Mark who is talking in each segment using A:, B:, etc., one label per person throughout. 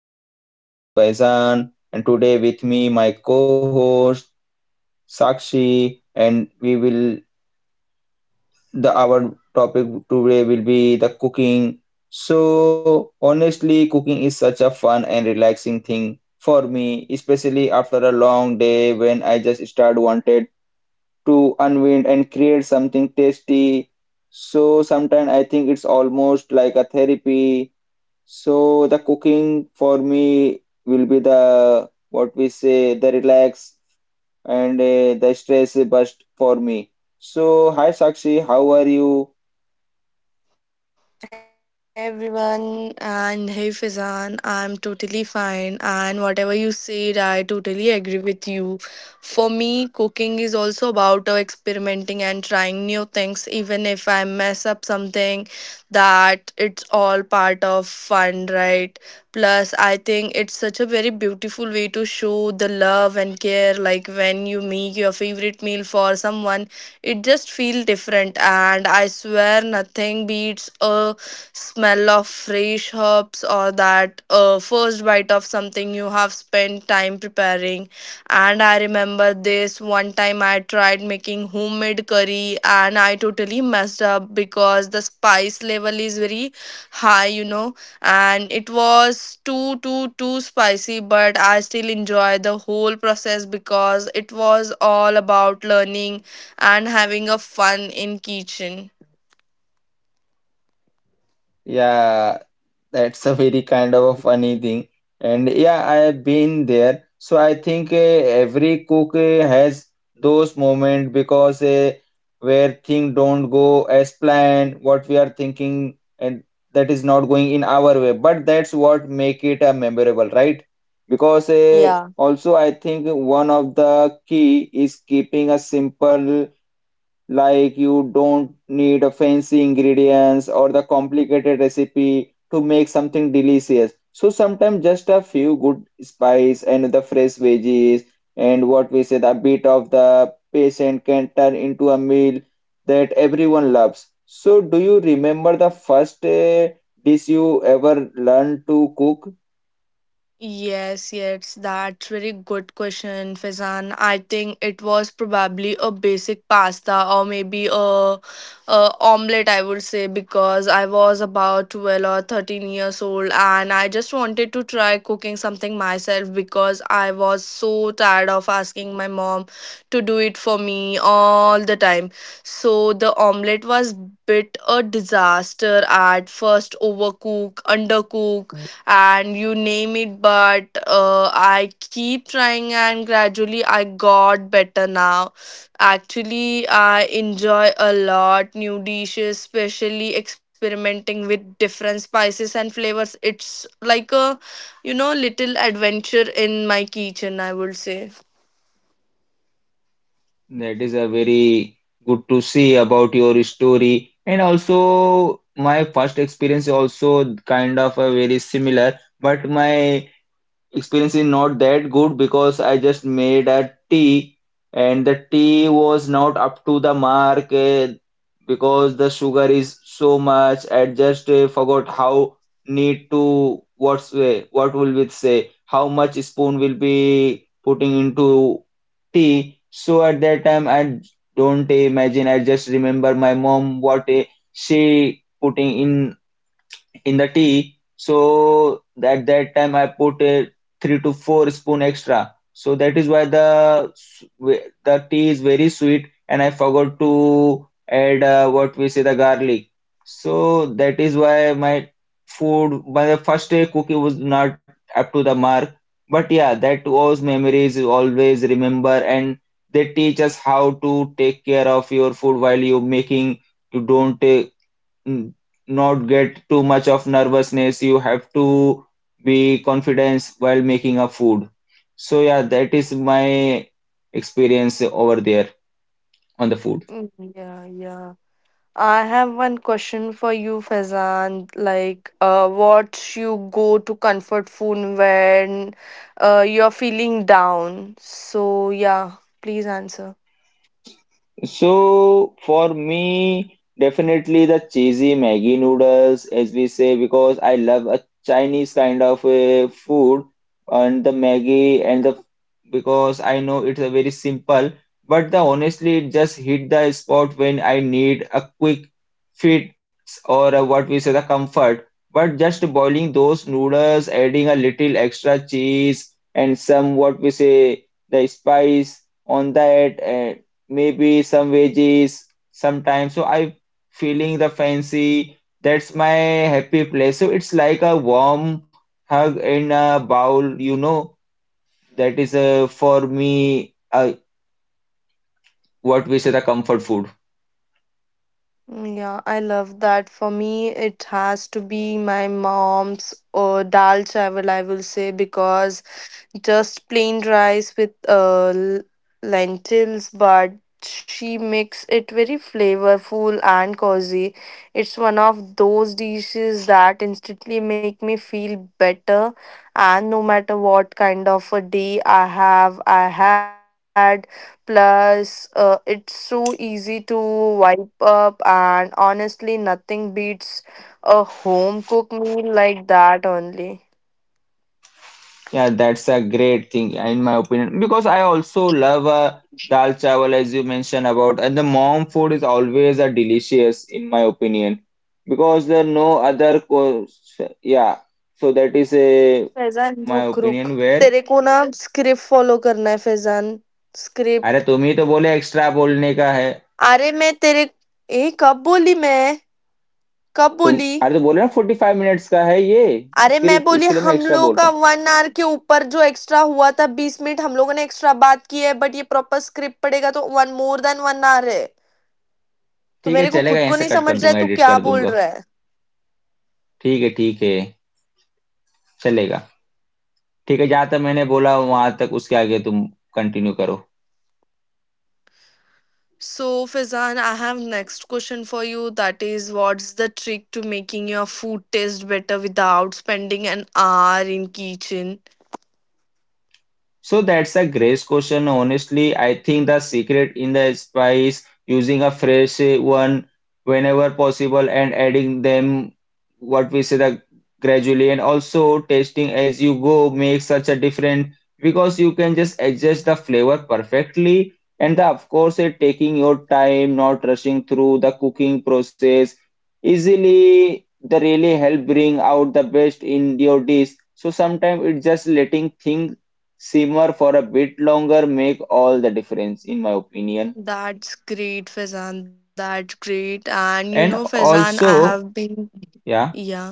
A: podcast. I'm your host Faizan, and today with me my co-host Sakshi, and we will the our topic today will be the cooking. So honestly, cooking is such a fun and relaxing thing for me, especially after a long day when I just start wanted to unwind and create something tasty. So sometimes I think it's almost like a therapy, so the cooking for me will be the, what we say, the relax and the stress bust for me. So hi Sakshi, how are you?
B: Hey everyone, and hey Fizan, I'm totally fine. And whatever you said, I totally agree with you. For me, cooking is also about experimenting and trying new things, even if I mess up something, that it's all part of fun, right? Plus, I think it's such a very beautiful way to show the love and care, like when you make your favorite meal for someone it just feels different, and I swear nothing beats a smell of fresh herbs or that first bite of something you have spent time preparing. And I remember this one time I tried making homemade curry and I totally messed up because the spice level is very high, you know, and it was too spicy. But I still enjoy the whole process because it was all about learning and having a fun in kitchen.
A: Yeah, that's a very kind of a funny thing. And yeah, I have been there. So I think every cook has those moments because where things don't go as planned, what we are thinking, and that is not going in our way. But that's what make it a memorable, right? Because
B: Yeah.
A: also I think one of the key is keeping a simple, like you don't need a fancy ingredients or the complicated recipe to make something delicious. So sometimes just a few good spice and the fresh veggies and what we said a bit of the patient can turn into a meal that everyone loves. So do you remember the first dish you ever learned to cook?
B: Yes, yes, that's very good question, Faizan. I think it was probably a basic pasta or maybe a omelette, I would say, because I was about 12 or 13 years old and I just wanted to try cooking something myself because I was so tired of asking my mom to do it for me all the time. So the omelette was bit a disaster at first overcook, undercook and you name it but I keep trying and gradually I got better now actually I enjoy a lot new dishes, especially experimenting with different spices and flavors. It's like a you know little adventure in my kitchen, I would say.
A: That is a very good to see about your story. And also, my first experience also kind of a very similar, but my experience is not that good because I just made a tea and the tea was not up to the mark because the sugar is so much. I just forgot how need to what's what will we say how much spoon will be putting into tea. So at that time I don't imagine. I just remember my mom what she putting in the tea. So at that time I put a 3 to 4 spoon extra. So that is why the tea is very sweet, and I forgot to add what we say the garlic. So that is why my food, my first day cookie was not up to the mark. But yeah, that was memories you always remember, and they teach us how to take care of your food while you're making. You don't n- not get too much of nervousness. You have to be confident while making a food. So yeah, that is my experience over there on the food.
B: Mm, yeah, yeah. I have one question for you, Faizan. Like, what you go to comfort food when you're feeling down? So, yeah, please answer.
A: So for me, definitely the cheesy Maggi noodles, as we say, because I love a Chinese kind of food and the Maggi and the because I know it's a very simple, but the honestly it just hit the spot when I need a quick fix or a, what we say, the comfort. But just boiling those noodles, adding a little extra cheese and some, what we say, the spice on that. Maybe some veggies sometimes. So I feeling the fancy. That's my happy place. So it's like a warm hug in a bowl, That is for me, what we say, the comfort food.
B: Mm, yeah, I love that. For me, it has to be my mom's dal chawal, I will say, because just plain rice with lentils, but she makes it very flavorful and cozy. It's one of those dishes that instantly make me feel better, and no matter what kind of a day I have, I had. Plus, it's so easy to wipe up, and honestly, nothing beats a home cooked meal like that only.
A: Yeah, that's a great thing, yeah, in my opinion because I also love dal chawal as you mentioned about, and the mom food is always a delicious in my opinion because there are no other co yeah. So that is a
B: Faizan
A: my
B: रुक रुक.
A: Opinion where
B: तेरे को ना script follow करना है फैजान.
A: अरे
B: script.
A: तुम ही तो बोले एक्स्ट्रा बोलने का है
B: अरे मैं तेरे. ए कब बोली मैं? कब
A: तुम
B: बोली?
A: अरे तो बोले ना फोर्टी फाइव मिनट्स का है ये
B: अरे मैं
A: स्क्रिप्ट
B: बोली
A: इसके लिए मैं
B: हम
A: एक्स्ट्रा
B: लोगों
A: बोल रहा
B: का
A: हूँ
B: वन आवर के ऊपर जो एक्स्ट्रा हुआ था बीस मिनट हम लोगों ने एक्स्ट्रा बात की है बट ये प्रॉपर स्क्रिप्ट पड़ेगा तो one more than one hour है. तो
A: ठीक है
B: मेरे को
A: चलेगा
B: खुद
A: यहीं
B: को
A: से
B: नहीं
A: कट
B: समझ
A: कर
B: रहा है
A: दूंगा
B: तू
A: एडिट
B: क्या
A: कर
B: बोल
A: दूंगा
B: रहा है.
A: ठीक है चलेगा ठीक है जहां तक मैंने बोला वहां तक उसके आगे तुम कंटिन्यू करो.
B: So, Fizan, I have next question for you. That is, what's the trick to making your food taste better without spending an hour in kitchen?
A: So that's a great question. Honestly, I think the secret in the spice using a fresh one whenever possible and adding them, what we say, the gradually, and also tasting as you go makes such a difference because you can just adjust the flavor perfectly and the, of course, it taking your time not rushing through the cooking process easily. The really help bring out the best in your dish, so sometimes it's just letting things simmer for a bit longer make all the difference in my opinion
B: That's great, Fazan. That's great. And you know,
A: and
B: Fazan, I have
A: also
B: been,
A: yeah
B: yeah,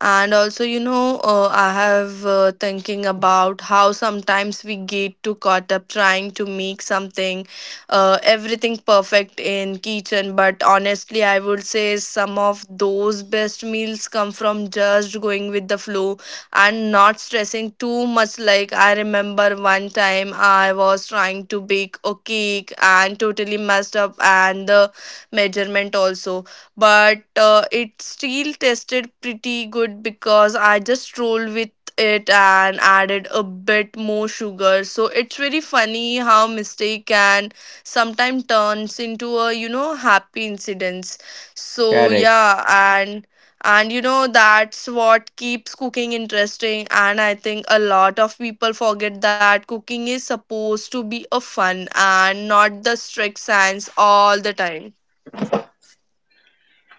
B: and also you know I have thinking about how sometimes we get too caught up trying to make something everything perfect in kitchen, but honestly I would say some of those best meals come from just going with the flow and not stressing too much. Like I remember one time I was trying to bake a cake and totally messed up and the measurement also, but it still tasted pretty good because I just rolled with it and added a bit more sugar. So it's very funny how mistake can sometimes turns into a you know happy incidents. So
A: correct.
B: yeah, and you know that's what keeps cooking interesting, and I think a lot of people forget that cooking is supposed to be a fun and not the strict science all the time.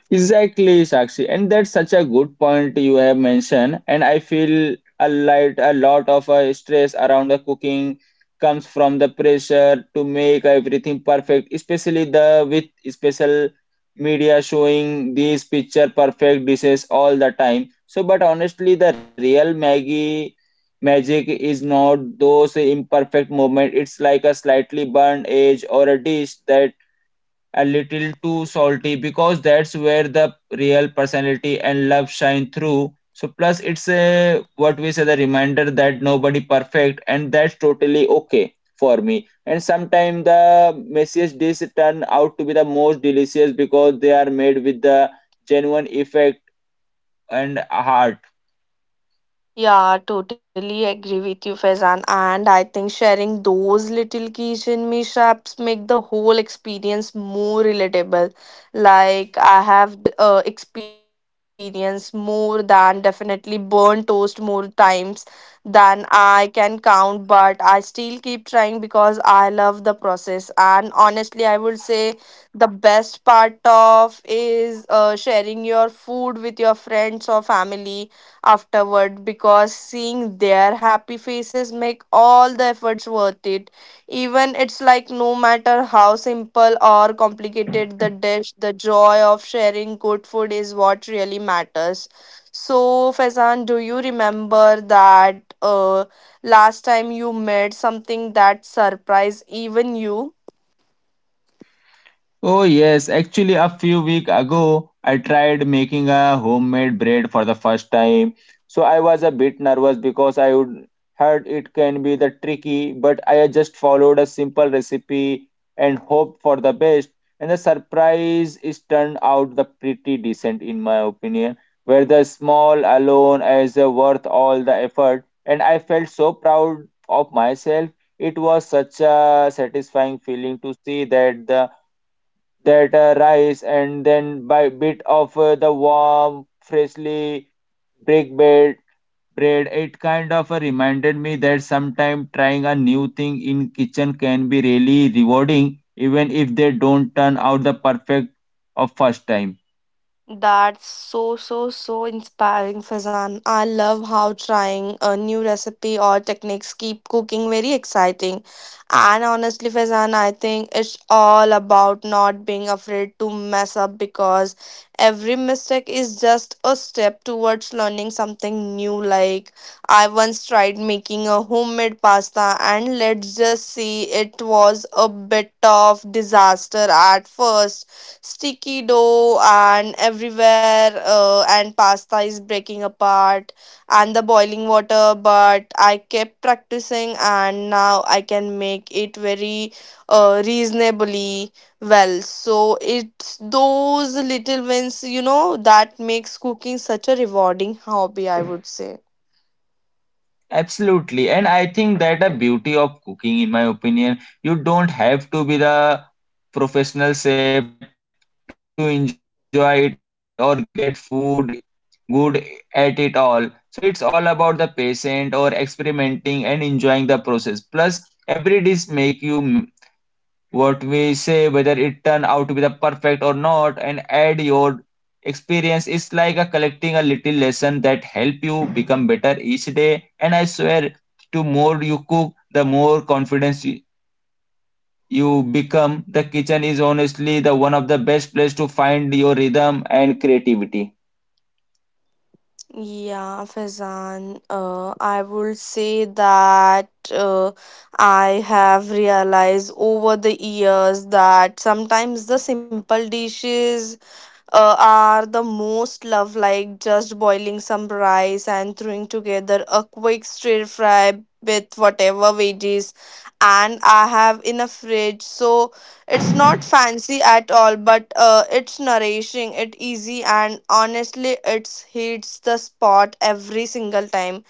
A: Exactly, Sakshi. And that's such a good point you have mentioned. And I feel a lot of stress around the cooking comes from the pressure to make everything perfect, especially the with special media showing these picture perfect dishes all the time. So, but honestly, the real Maggie magic is not those imperfect movement. It's like a slightly burned edge or a dish that a little too salty because that's where the real personality and love shine through. So plus it's a, what we say, the reminder that nobody perfect and that's totally okay for me. And sometimes the messiest dish turn out to be the most delicious because they are made with the genuine effect and heart.
B: Yeah, totally agree with you, Faizan. And I think sharing those little kitchen mishaps make the whole experience more relatable. Like I have experienced more than definitely burnt toast more times than I can count, but I still keep trying because I love the process. And honestly, I would say the best part of is sharing your food with your friends or family afterward because seeing their happy faces make all the efforts worth it, even it's like no matter how simple or complicated the dish, the joy of sharing good food is what really matters. So Faizan, do you remember that last time you made something that surprised even you?
A: Oh yes, actually a few weeks ago I tried making a homemade bread for the first time. So I was a bit nervous because I would heard it can be the tricky, but I just followed a simple recipe and hoped for the best. And the surprise is turned out the pretty decent in my opinion, where the small alone is worth all the effort. And I felt so proud of myself. It was such a satisfying feeling to see that the that rice and then by bit of the warm freshly baked bread it kind of reminded me that sometimes trying a new thing in kitchen can be really rewarding even if they don't turn out the perfect of first time.
B: That's so, so, so inspiring, Fazan. I love how trying a new recipe or techniques keep cooking very exciting. And honestly, Fazan, I think it's all about not being afraid to mess up because every mistake is just a step towards learning something new. Like, I once tried making a homemade pasta, and let's just say it was a bit of disaster at first, sticky dough and everywhere and pasta is breaking apart and the boiling water, but I kept practicing and now I can make it very reasonably well. So it's those little wins you know that makes cooking such a rewarding hobby, I would say.
A: Absolutely. And I think that the beauty of cooking, in my opinion, you don't have to be the professional chef to enjoy it or get food good at it all. So it's all about the patient or experimenting and enjoying the process. Plus, every dish make you, what we say, whether it turned out to be the perfect or not, and add your experience is like a collecting a little lesson that help you become better each day. And I swear, to more you cook, the more confidence you become. The kitchen is honestly the one of the best place to find your rhythm and creativity.
B: Yeah, Faizan, I would say that I have realized over the years that sometimes the simple dishes are the most love, like just boiling some rice and throwing together a quick stir fry with whatever veggies and I have in a fridge. So it's not fancy at all, but it's nourishing, it easy, and honestly it hits the spot every single time.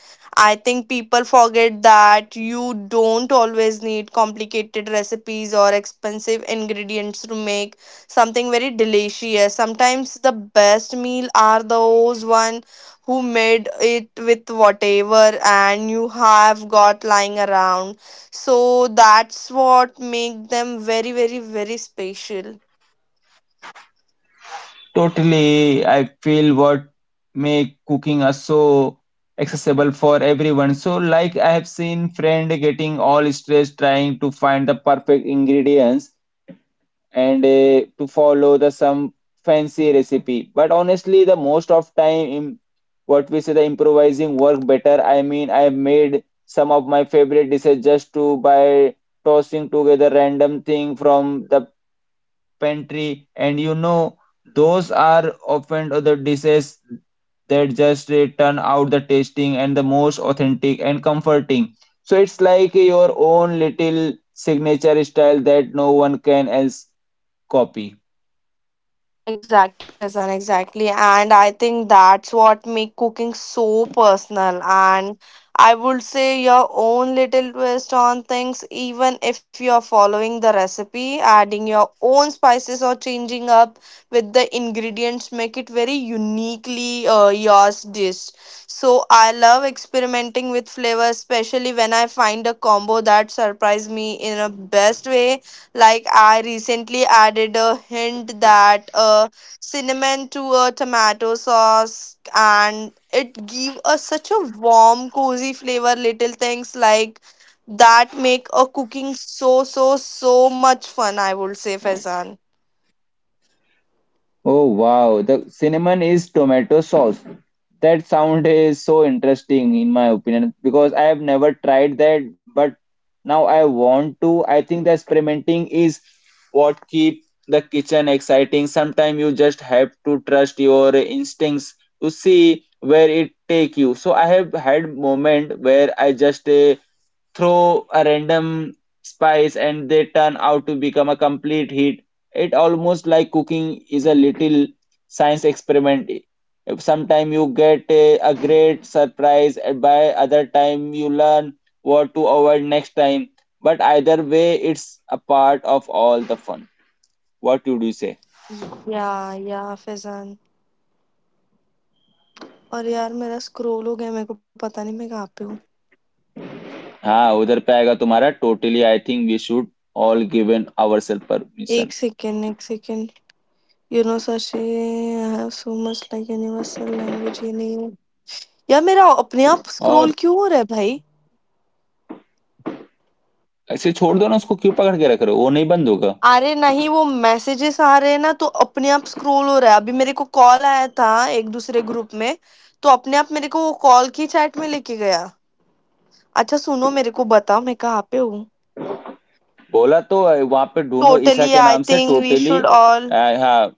B: I think people forget that you don't always need complicated recipes or expensive ingredients to make something very delicious. Sometimes the best meal are those one who made it with whatever and you have got lying around. So that's what make them very very very special.
A: Totally, I feel what make cooking us so accessible for everyone. So, like I have seen friend getting all stressed trying to find the perfect ingredients and to follow the some fancy recipe. But honestly, the most of time, what we say, the improvising work better. I mean, I have made some of my favorite dishes just to by tossing together random thing from the pantry, and you know, those are often other dishes that just turn out the tasting and the most authentic and comforting. So it's like your own little signature style that no one can else copy.
B: Exactly, Faizan, exactly. And I think that's what make cooking so personal. And I would say your own little twist on things, even if you're following the recipe, adding your own spices or changing up with the ingredients make it very uniquely yours dish. So I love experimenting with flavors, especially when I find a combo that surprise me in a best way, like I recently added a hint that cinnamon to a tomato sauce, and it give us such a warm, cozy flavor. Little things like that make a cooking so so so much fun, I would say, Faizan.
A: Oh wow, the cinnamon is tomato sauce. That sound is so interesting in my opinion because I have never tried that, but now I want to. I think the experimenting is what keep the kitchen exciting. Sometimes you just have to trust your instincts to see where it take you. So I have had moment where I just throw a random spice and they turn out to become a complete hit. It almost like cooking is a little science experiment. Sometime you get a great surprise and by other time you learn what to avoid next time, but either way it's a part of all the fun. What would you say?
B: या या फैजान. और यार मेरा scroll हो गया, मेरे को पता नहीं मैं कहाँ पे हूँ.
A: हाँ उधर पे आएगा तुम्हारा totally I think we should all given our self
B: एक
A: परमिशन
B: सेकेंड, एक second. You know Sashi I have so much like universal language ये नहीं है. यार मेरा अपने आप स्क्रॉल
A: और
B: क्यों हो रहा है भाई?
A: ऐसे छोड़ दो ना उसको क्यों पकड़ के रख रहे हो वो नहीं बंद होगा
B: अरे नहीं, वो मैसेजेस आ रहे हैं ना तो अपने आप स्क्रॉल हो रहा है, अभी मेरे को कॉल आया था एक दूसरे ग्रुप में, तो अपने आप मेरे को वो कॉल की चैट में लेके गया. अच्छा सुनो, मेरे को बताओ मैं कहाँ पे हूँ.
A: बोला तो वहां पे ढूंढो ईसा
B: टोटली
A: के
B: आई
A: नाम से
B: think we
A: totally
B: should all.
A: हाँ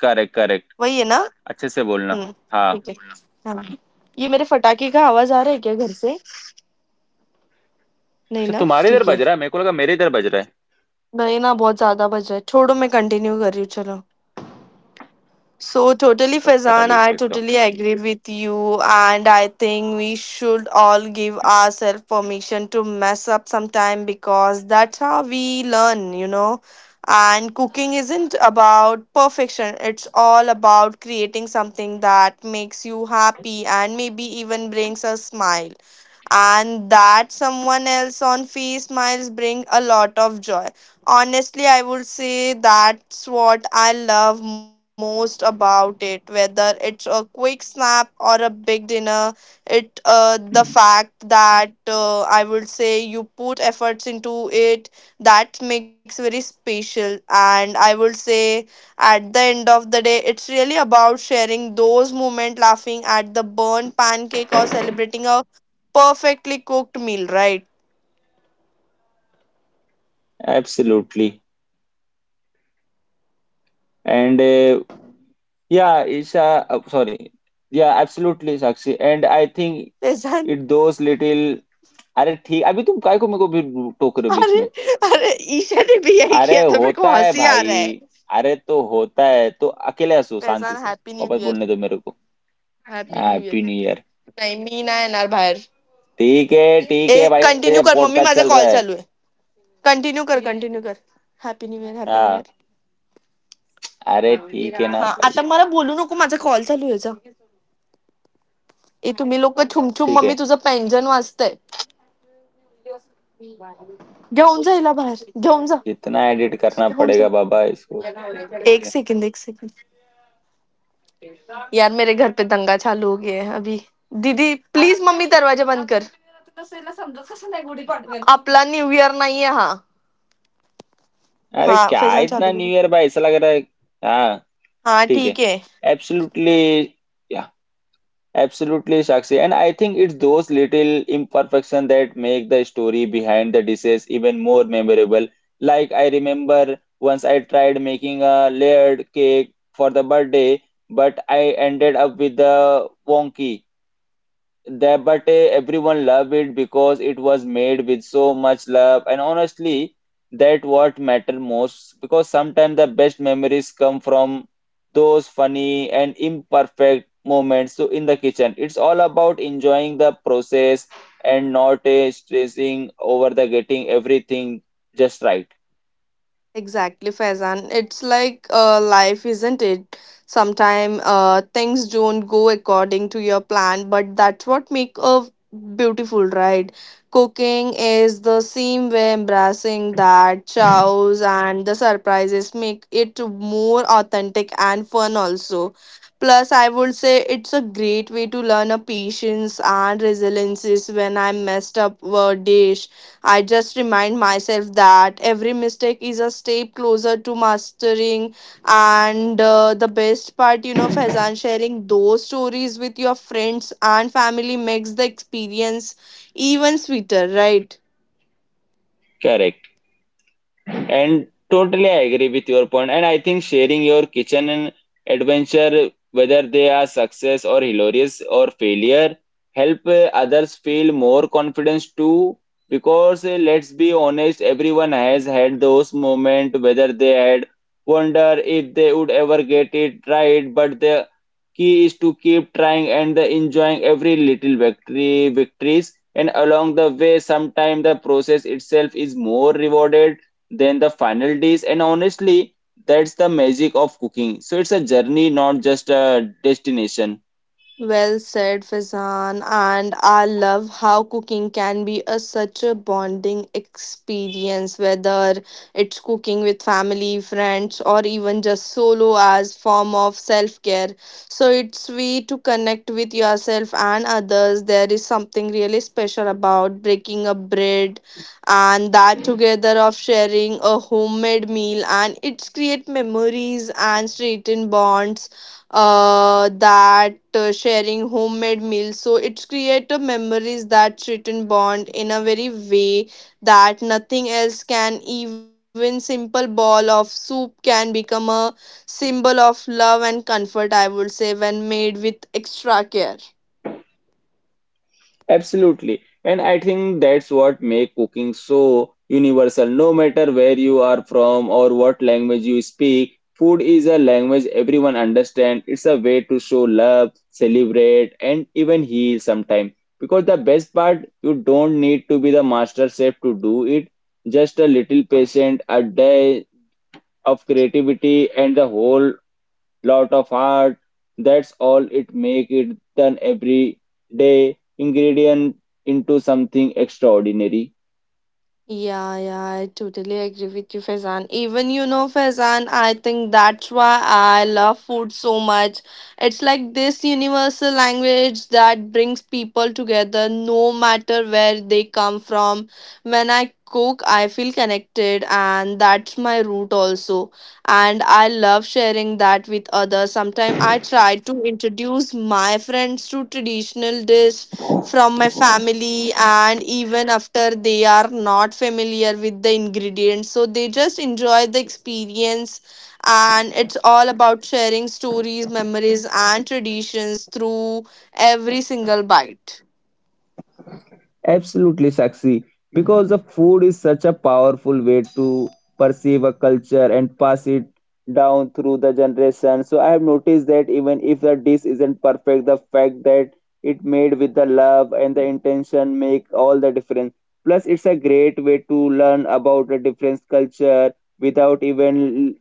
A: करेक्ट करेक्ट
B: वही है ना?
A: अच्छे से बोलना
B: हम्म. ठीक
A: हाँ
B: है. हाँ. ये मेरे फटाके का आवाज आ रहा है क्या घर से?
A: अच्छा
B: नहीं ना,
A: तुम्हारे इधर बज
B: ठीक
A: रहा
B: है.
A: है मेरे को लगा मेरे इधर बज रहा है
B: नहीं ना, बहुत ज्यादा बज रहा है, छोड़ो, मैं कंटिन्यू कर रही हूँ, चलो. So totally
A: सत्रह
B: Faizan,
A: लिख
B: I
A: देता
B: totally
A: हूँ
B: agree with you and I think we should all give ourselves permission to mess up sometime because that's how we learn, you know. And cooking isn't about perfection, it's all about creating something that makes you happy and maybe even brings a smile, and that someone else on face smiles bring a lot of joy. Honestly, I would say that's what I love most about it, whether it's a quick snap or a big dinner, it the fact that I would say you put efforts into it, that makes very special. And I would say at the end of the day it's really about sharing those moments, laughing at the burnt pancake or celebrating a perfectly cooked meal right?
A: Absolutely and yeah Isha sorry yeah absolutely Sakshi and I think
B: Faizan.
A: It does little अरे ठीक अभी तुम काय को मेरे को भी टोक रहे हो बीच
B: अरे,
A: में
B: अरे, ईशा ने भी यही
A: अरे
B: किया था मेरे को
A: होता है
B: हँसी आ
A: भाई
B: रहा है।
A: अरे तो होता है तो अकेले हंसो शांति
B: फैज़ान,
A: से
B: हैप्पी न्यू
A: वापस
B: ईयर,
A: बोलने दो मेरे को
B: happy new year.
A: Happy new year
B: नाही मी नाही येणार बाहेर.
A: ठीक
B: ए
A: है भाई इधर
B: कंटिन्यू कर,
A: पॉडकास्ट चल
B: मम्मी
A: रहा
B: माझा
A: है
B: कॉल चालू आहे. कंटिन्यू कर, कंटिन्यू कर. Happy new year, happy new year.
A: हाँ अरे ठीक है ना
B: हां
A: भाई
B: आता मला बोलू नको, माझा कॉल चालू आहे, जा. ए तुम्ही लोकं छुम-छुम,
A: ठीक
B: मम्मी
A: है
B: तुझं पेंजन वाजतंय. घेऊन जा हिला बाहेर. घेऊन जा.
A: कितना एडिट करना
B: घेऊन जा.
A: पड़ेगा बाबा इसको बैठ के
B: एक सेकंद, एक सेकंद. यार मेरे घर पे दंगा चालू हो गया है अभी. दीदी प्लीज, मम्मी दरवाजा बंद कर. आपला न्यू इयर नाहीये हा.
A: अरे
B: हा
A: क्या
B: फैजान
A: इतना
B: चालू
A: न्यू
B: करू?
A: ईयर भाई ऐसा लग रहा है हाँ
B: हा
A: ठीक है
B: ठीक आहे.
A: Absolutely yeah absolutely Sakshi and I think it's those little imperfection that make the story behind the dishes even more memorable like I remember once I tried making a layered cake for the birthday but I ended up with a wonky that but everyone loved it because it was made with so much love and honestly that what matter most because sometimes the best memories come from those funny and imperfect moments, so in the kitchen it's all about enjoying the process and not stressing over the getting everything just right.
B: Exactly, Faizan. It's like life, isn't it? Sometimes things don't go according to your plan, but that's what make a beautiful ride. Cooking is the same way, embracing that chows and the surprises make it more authentic and fun also. Plus, I would say it's a great way to learn a patience and resiliences. When I messed up a dish I just remind myself that every mistake is a step closer to mastering. And The best part, Faizan, sharing those stories with your friends and family makes the experience even sweeter, right?
A: Correct. And totally I agree with your point. And I think sharing your kitchen and adventure, whether they are success or hilarious or failure, help others feel more confidence too. Because let's be honest, everyone has had those moments, whether they had wonder if they would ever get it right, but they. Key is to keep trying and the enjoying every little victory victories and along the way, sometimes the process itself is more rewarded than the final dish. And honestly, that's the magic of cooking. So it's a journey, not just a destination.
B: Well said, Fazan. And I love how cooking can be a such a bonding experience, whether it's cooking with family, friends, or even just solo as form of self-care. So it's way to connect with yourself and others. There is something really special about breaking a bread and that together of sharing a homemade meal and it's create memories and straighten bonds that sharing homemade meals. So it's create a memories that strengthen bond in a very way that nothing else can. Even simple bowl of soup can become a symbol of love and comfort. I would say when made with extra care.
A: Absolutely. And I think that's what make cooking so universal. No matter where you are from or what language you speak, food is a language everyone understands. It's a way to show love, celebrate, and even heal sometimes. Because the best part, you don't need to be the master chef to do it. Just a little patient, a day of creativity, and the whole lot of heart. That's all it make it turn every day ingredient into something extraordinary.
B: Yeah, yeah, I totally agree with you, Faizan. Even Faizan, I think that's why I love food so much. It's like this universal language that brings people together no matter where they come from. When I cook, I feel connected, and that's my root also. And I love sharing that with others. Sometimes I try to introduce my friends to traditional dish from my family and even after they are not familiar with the ingredients so they just enjoy the experience and it's all about sharing stories memories and traditions through every single bite.
A: Absolutely, Sakshi. Because the food is such a powerful way to perceive a culture and pass it down through the generation. So I have noticed that even if the dish isn't perfect, the fact that it made with the love and the intention make all the difference. Plus, it's a great way to learn about a different culture without even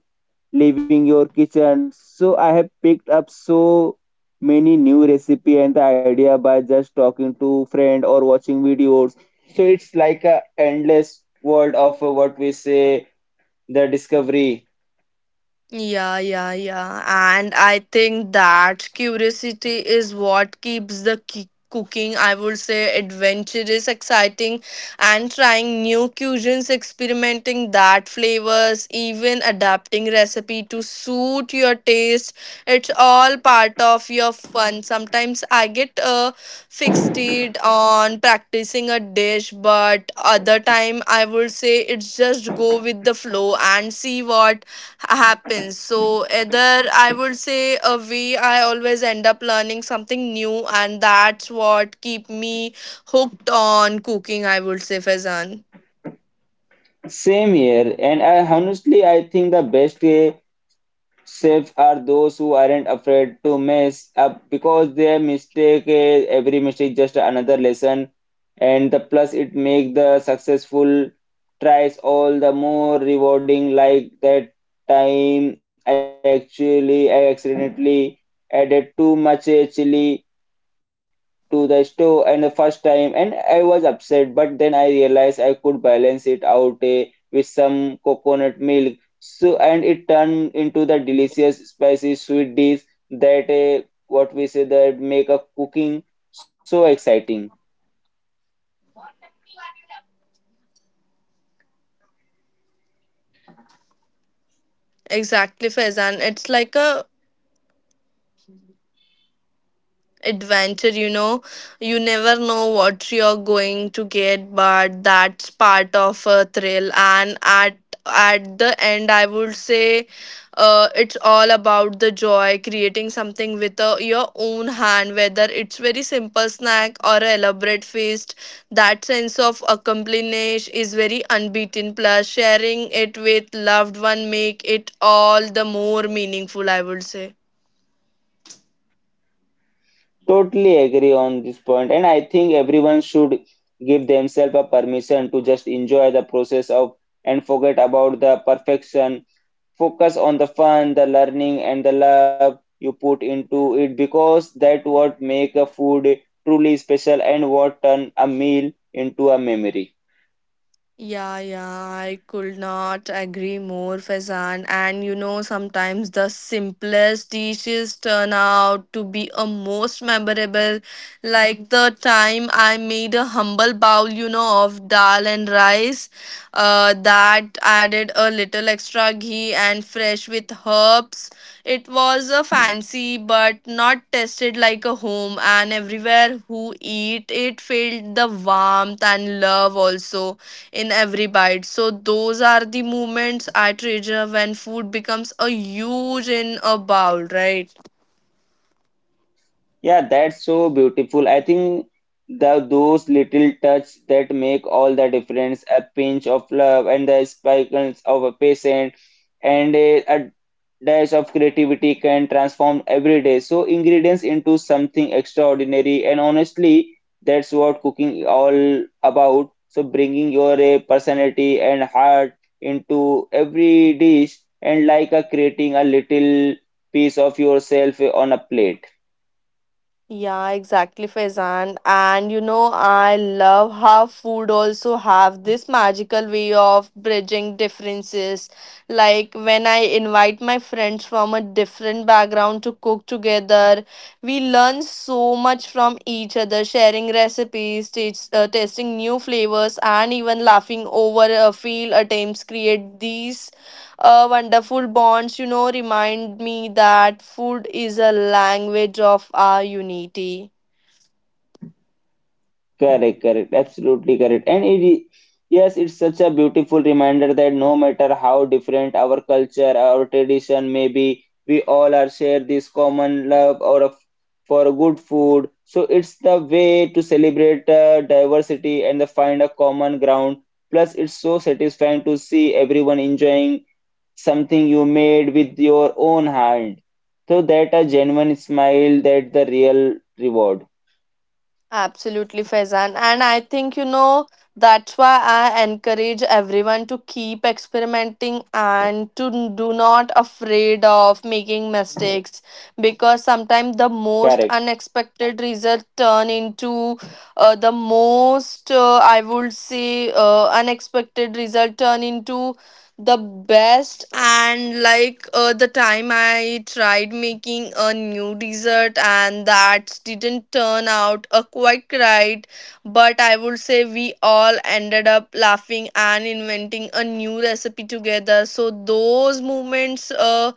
A: leaving your kitchen. So I have picked up so many new recipe and the idea by just talking to friend or watching videos. So it's like a endless world of what we say the discovery.
B: Yeah, yeah, yeah. And I think that curiosity is what keeps cooking, I would say, adventurous, exciting, and trying new cuisines, experimenting that flavors, even adapting recipe to suit your taste. It's all part of your fun. Sometimes I get fixated on practicing a dish, but other time I would say it's just go with the flow and see what happens. So either I would say a way I always end up learning something new and that's what keep me hooked on cooking I would say Fezan.
A: Same here, and I honestly I think the best way Safe are those who aren't afraid to mess up because their mistake, every mistake just another lesson, and the plus it make the successful tries all the more rewarding. Like that time, I accidentally added too much chili to the stove, and the first time and I was upset, but then I realized I could balance it out with some coconut milk so, and it turned into the delicious spicy sweet dish that what we say that make a cooking so exciting.
B: Exactly, Fezan, it's like a adventure, you never know what you're going to get but that's part of a thrill and at the end I would say it's all about the joy creating something with your own hand whether it's very simple snack or a elaborate feast. That sense of accomplishment is very unbeaten, plus sharing it with loved one make it all the more meaningful, I would say.
A: Totally agree on this point, and I think everyone should give themselves a permission to just enjoy the process of and forget about the perfection, focus on the fun, the learning, and the love you put into it, because that what make a food truly special and what turn a meal into a memory.
B: Yeah, yeah, I could not agree more, Faizan. And you know, sometimes the simplest dishes turn out to be a most memorable. Like the time I made a humble bowl, you know, of dal and rice. That added a little extra ghee and fresh with herbs. It was a fancy but not tasted like a home. And everywhere who eat it felt the warmth and love also in every bite. So those are the moments I treasure when food becomes a huge in a bowl, right?
A: Yeah, that's so beautiful. I think the those little touch that make all the difference. A pinch of love and the sparkles of a patient and a dash of creativity can transform everyday so ingredients into something extraordinary, and honestly, that's what cooking all about. So bringing your personality and heart into every dish, and like a creating a little piece of yourself on a plate.
B: Yeah, exactly, Faizan. And you know, I love how food also have this magical way of bridging differences. Like when I invite my friends from a different background to cook together, we learn so much from each other, sharing recipes, tasting new flavors, and even laughing over a field attempts create these wonderful bonds, you know, remind me that food is a language of our unity.
A: Correct, correct, absolutely correct. And it, yes, it's such a beautiful reminder that no matter how different our culture, our tradition may be, we all are share this common love or a, for good food. So it's the way to celebrate diversity and the find a common ground. Plus, it's so satisfying to see everyone enjoying something you made with your own hand. So that a genuine smile, that the real reward.
B: Absolutely, Faizan. And I think, you know, that's why I encourage everyone to keep experimenting and to do not afraid of making mistakes because sometimes the most
A: Correct.
B: unexpected result turn into the most, I would say, unexpected result turn into the best. And like the time I tried making a new dessert and that didn't turn out quite right, but I would say we all ended up laughing and inventing a new recipe together. So those moments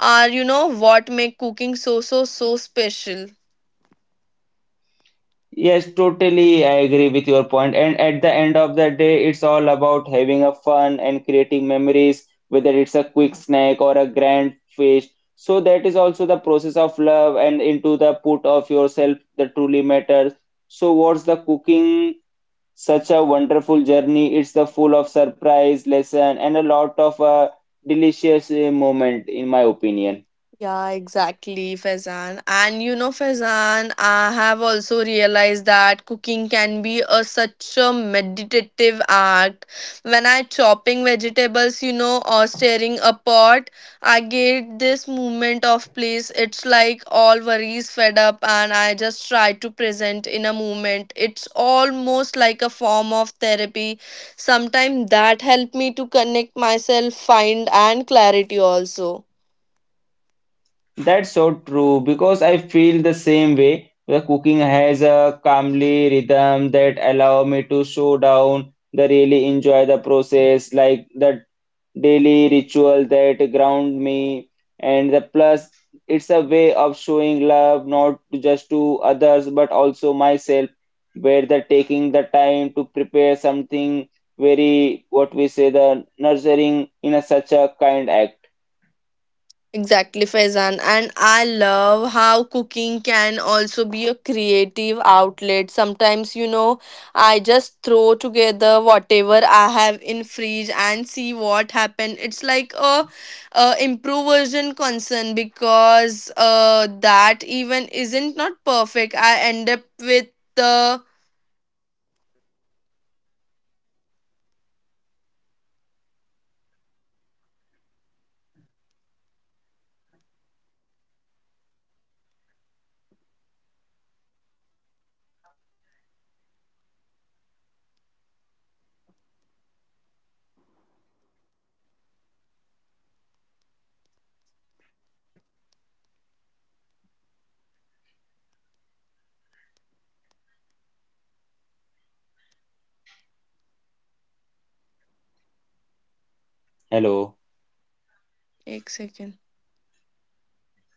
B: are, you know, what make cooking so so special.
A: Yes, totally. I agree with your point. And at the end of the day, it's all about having a fun and creating memories, whether it's a quick snack or a grand feast. So that is also the process of love and into the put of yourself that truly matters. So what's the cooking? Such a wonderful journey. It's the full of surprise, lesson, and a lot of delicious moment, in my opinion.
B: Yeah, exactly, Faizan. And you know, Faizan, I have also realized that cooking can be a such a meditative act. When I chopping vegetables, you know, or stirring a pot, I get this movement of place. It's like all worries fed up, and I just try to present in a moment. It's almost like a form of therapy. Sometimes that help me to connect myself, find and clarity also.
A: That's so true, because I feel the same way. The cooking has a calmly rhythm that allow me to slow down, the really enjoy the process, like the daily ritual that ground me, and the plus it's a way of showing love, not just to others but also myself, where the taking the time to prepare something very what we say the nurturing in a such a kind act.
B: Exactly, Faizan. And I love how cooking can also be a creative outlet. Sometimes, you know, I just throw together whatever I have in fridge and see what happen. It's like a improvisation concern because that even isn't not perfect. I end up with the
A: Hello,
B: एक second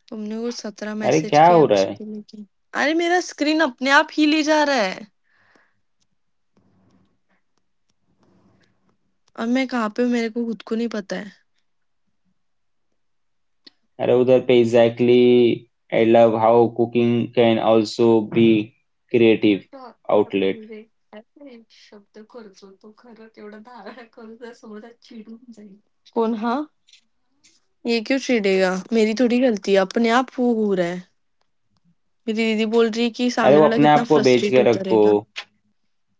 B: तुमने कुछ सत्रह
A: अरे
B: message
A: क्या
B: किया
A: हो रहा है?
B: उसके लिए क्या अरे मेरा स्क्रीन अपने आप ही ले जा रहा है अब मैं कहाँ पे हूँ, मेरे को खुद को नहीं पता है.
A: Hello, Darpe. Exactly. I love how cooking can also be
B: पण
A: creative
B: तो आता
A: outlet.
B: म्हणजे काय ते शब्द करतो तो खरं तेवढं धारण करून जर समोरचा चिडून जाईल. कौन हाँ, ये क्यों चिढ़ेगा, मेरी थोड़ी गलती है, अपने आप वो हो रहा है. मेरी दीदी बोल रही है कि
A: अरे
B: सामने
A: वो
B: वाला
A: अपने
B: कितना
A: आप को बेच
B: फ्रस्ट्रेट
A: के
B: होता
A: रखो.
B: रहेगा.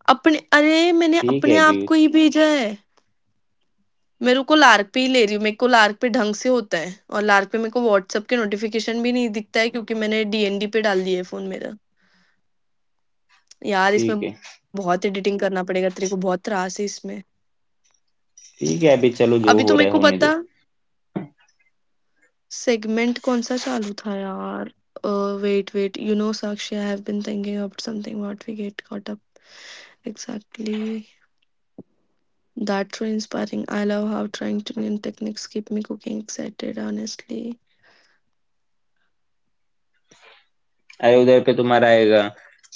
B: अपने अरे मैंने
A: ठीक
B: अपने
A: है अभी.
B: आप को ही भेजा है. मेरे को लार्क पे ही ले रही हूँ, मेरे को लार्क पे ढंग से होता है और लार्क पे मेरे को व्हाट्सएप के नोटिफिकेशन भी नहीं दिखता है, क्योंकि मैंने डीएनडी पे डाल दिया है फोन मेरा. यार इसमें
A: ठीक है.
B: बहुत एडिटिंग करना पड़ेगा, तेरे को बहुत त्रास है इसमें.
A: ठीक है अभी, चलो जो
B: अभी
A: हो
B: तो
A: रहा
B: मेरे
A: है
B: को
A: होने
B: पता
A: दो.
B: सेगमेंट कौन-सा चालू था यार? Uh, wait you know Sakshi, I have been thinking about something what we get caught up. Exactly. That's so inspiring. I love how trying to new techniques keep me cooking excited, honestly.
A: अरे उधर पे तुम्हारा आएगा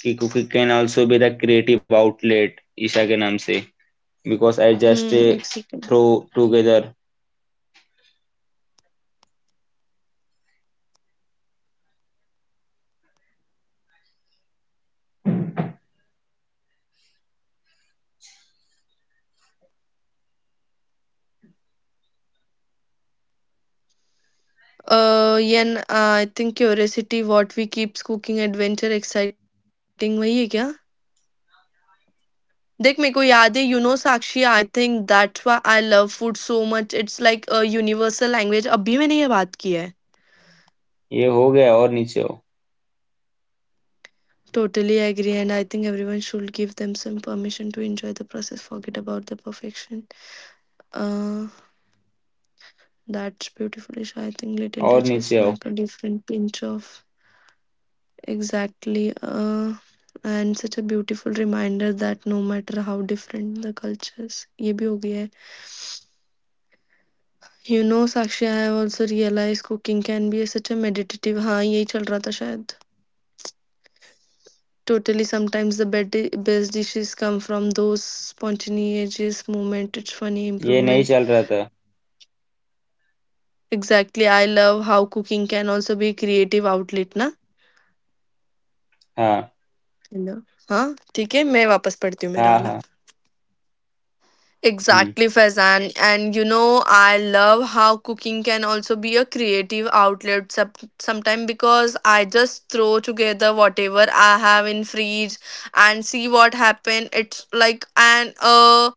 A: कि cooking can also be the creative outlet Isha के नाम से, because I just
B: Hmm, exciting.
A: Throw together.
B: Yen, I think curiosity, what we keeps cooking adventure exciting, वही है क्या? देख मेरे को याद है, you know Sakshi I think that's why I love food so much it's like a universal language, अब भी मैंने ये बात की है.
A: ये हो गया, और नीचे आओ.
B: Totally agree, and I think everyone should give them some permission to enjoy the process, forget about the perfection. Uh, that's beautiful, Isha. I think little
A: और नीचे
B: touches
A: आओ.
B: make a different pinch of exactly. And such a beautiful reminder that no matter how different the cultures, ये भी हो गया है. You know, Sakshi, I have also realized cooking can be such a meditative. हाँ, यही चल रहा था शायद. Totally, sometimes the best, best dishes come from those spontaneous moment. It's funny
A: ये नहीं
B: improvement.
A: चल रहा था.
B: Exactly, I love how cooking can also be creative outlet, na?
A: हाँ.
B: हेलो हाँ ठीक है मैं वापस पढ़ती हूँ मेरा
A: हाँ.
B: वाला.
A: हाँ. Hmm.
B: Exactly, Faizan. And you know, I love how cooking can also be a creative outlet. Sometimes because I just throw together whatever I have in fridge and see what happen. It's like an an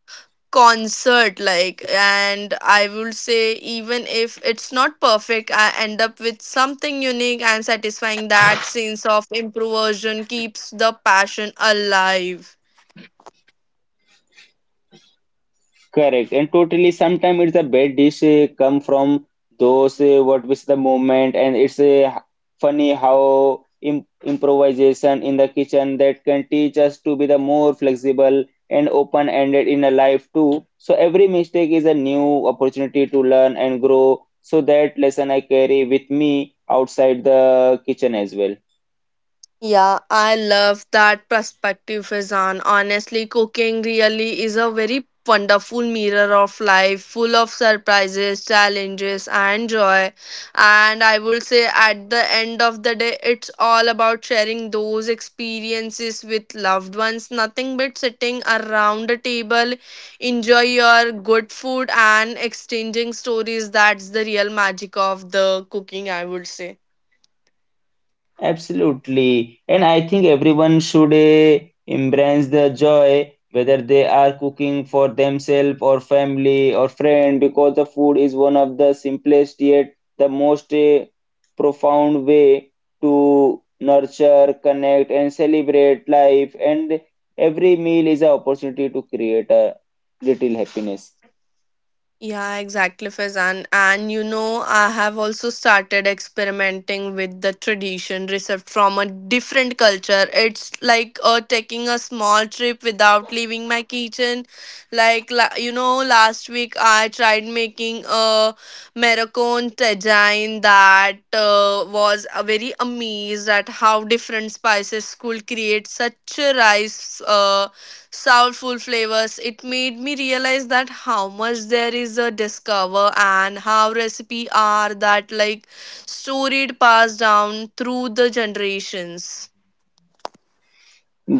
B: concert, like, and I will say even if it's not perfect I end up with something unique and satisfying. That sense of improvisation keeps the passion alive.
A: Correct. And totally, sometimes it's a bad dish come from those what was the moment, and it's funny how im improvisation in the kitchen that can teach us to be the more flexible and open-ended in a life too. So every mistake is a new opportunity to learn and grow. So that lesson I carry with me outside the kitchen as well.
B: Yeah, I love that perspective, Faizan. Honestly, cooking really is a very wonderful mirror of life, full of surprises, challenges, and joy. And I would say at the end of the day, it's all about sharing those experiences with loved ones. Nothing but sitting around a table, enjoy your good food, and exchanging stories. That's the real magic of the cooking, I would say.
A: Absolutely. And I think everyone should embrace the joy, whether they are cooking for themselves or family or friend, because the food is one of the simplest yet the most profound way to nurture, connect, and celebrate life. And every meal is an opportunity to create a little happiness.
B: Yeah, exactly, Faizan. And you know, I have also started experimenting with the tradition received from a different culture. It's like taking a small trip without leaving my kitchen. Like, you know, last week I tried making a Moroccan tagine that was very amazed at how different spices could create such a rice. Soulful flavors. It made me realize that how much there is a discover and how recipe are that like storied passed down through the generations.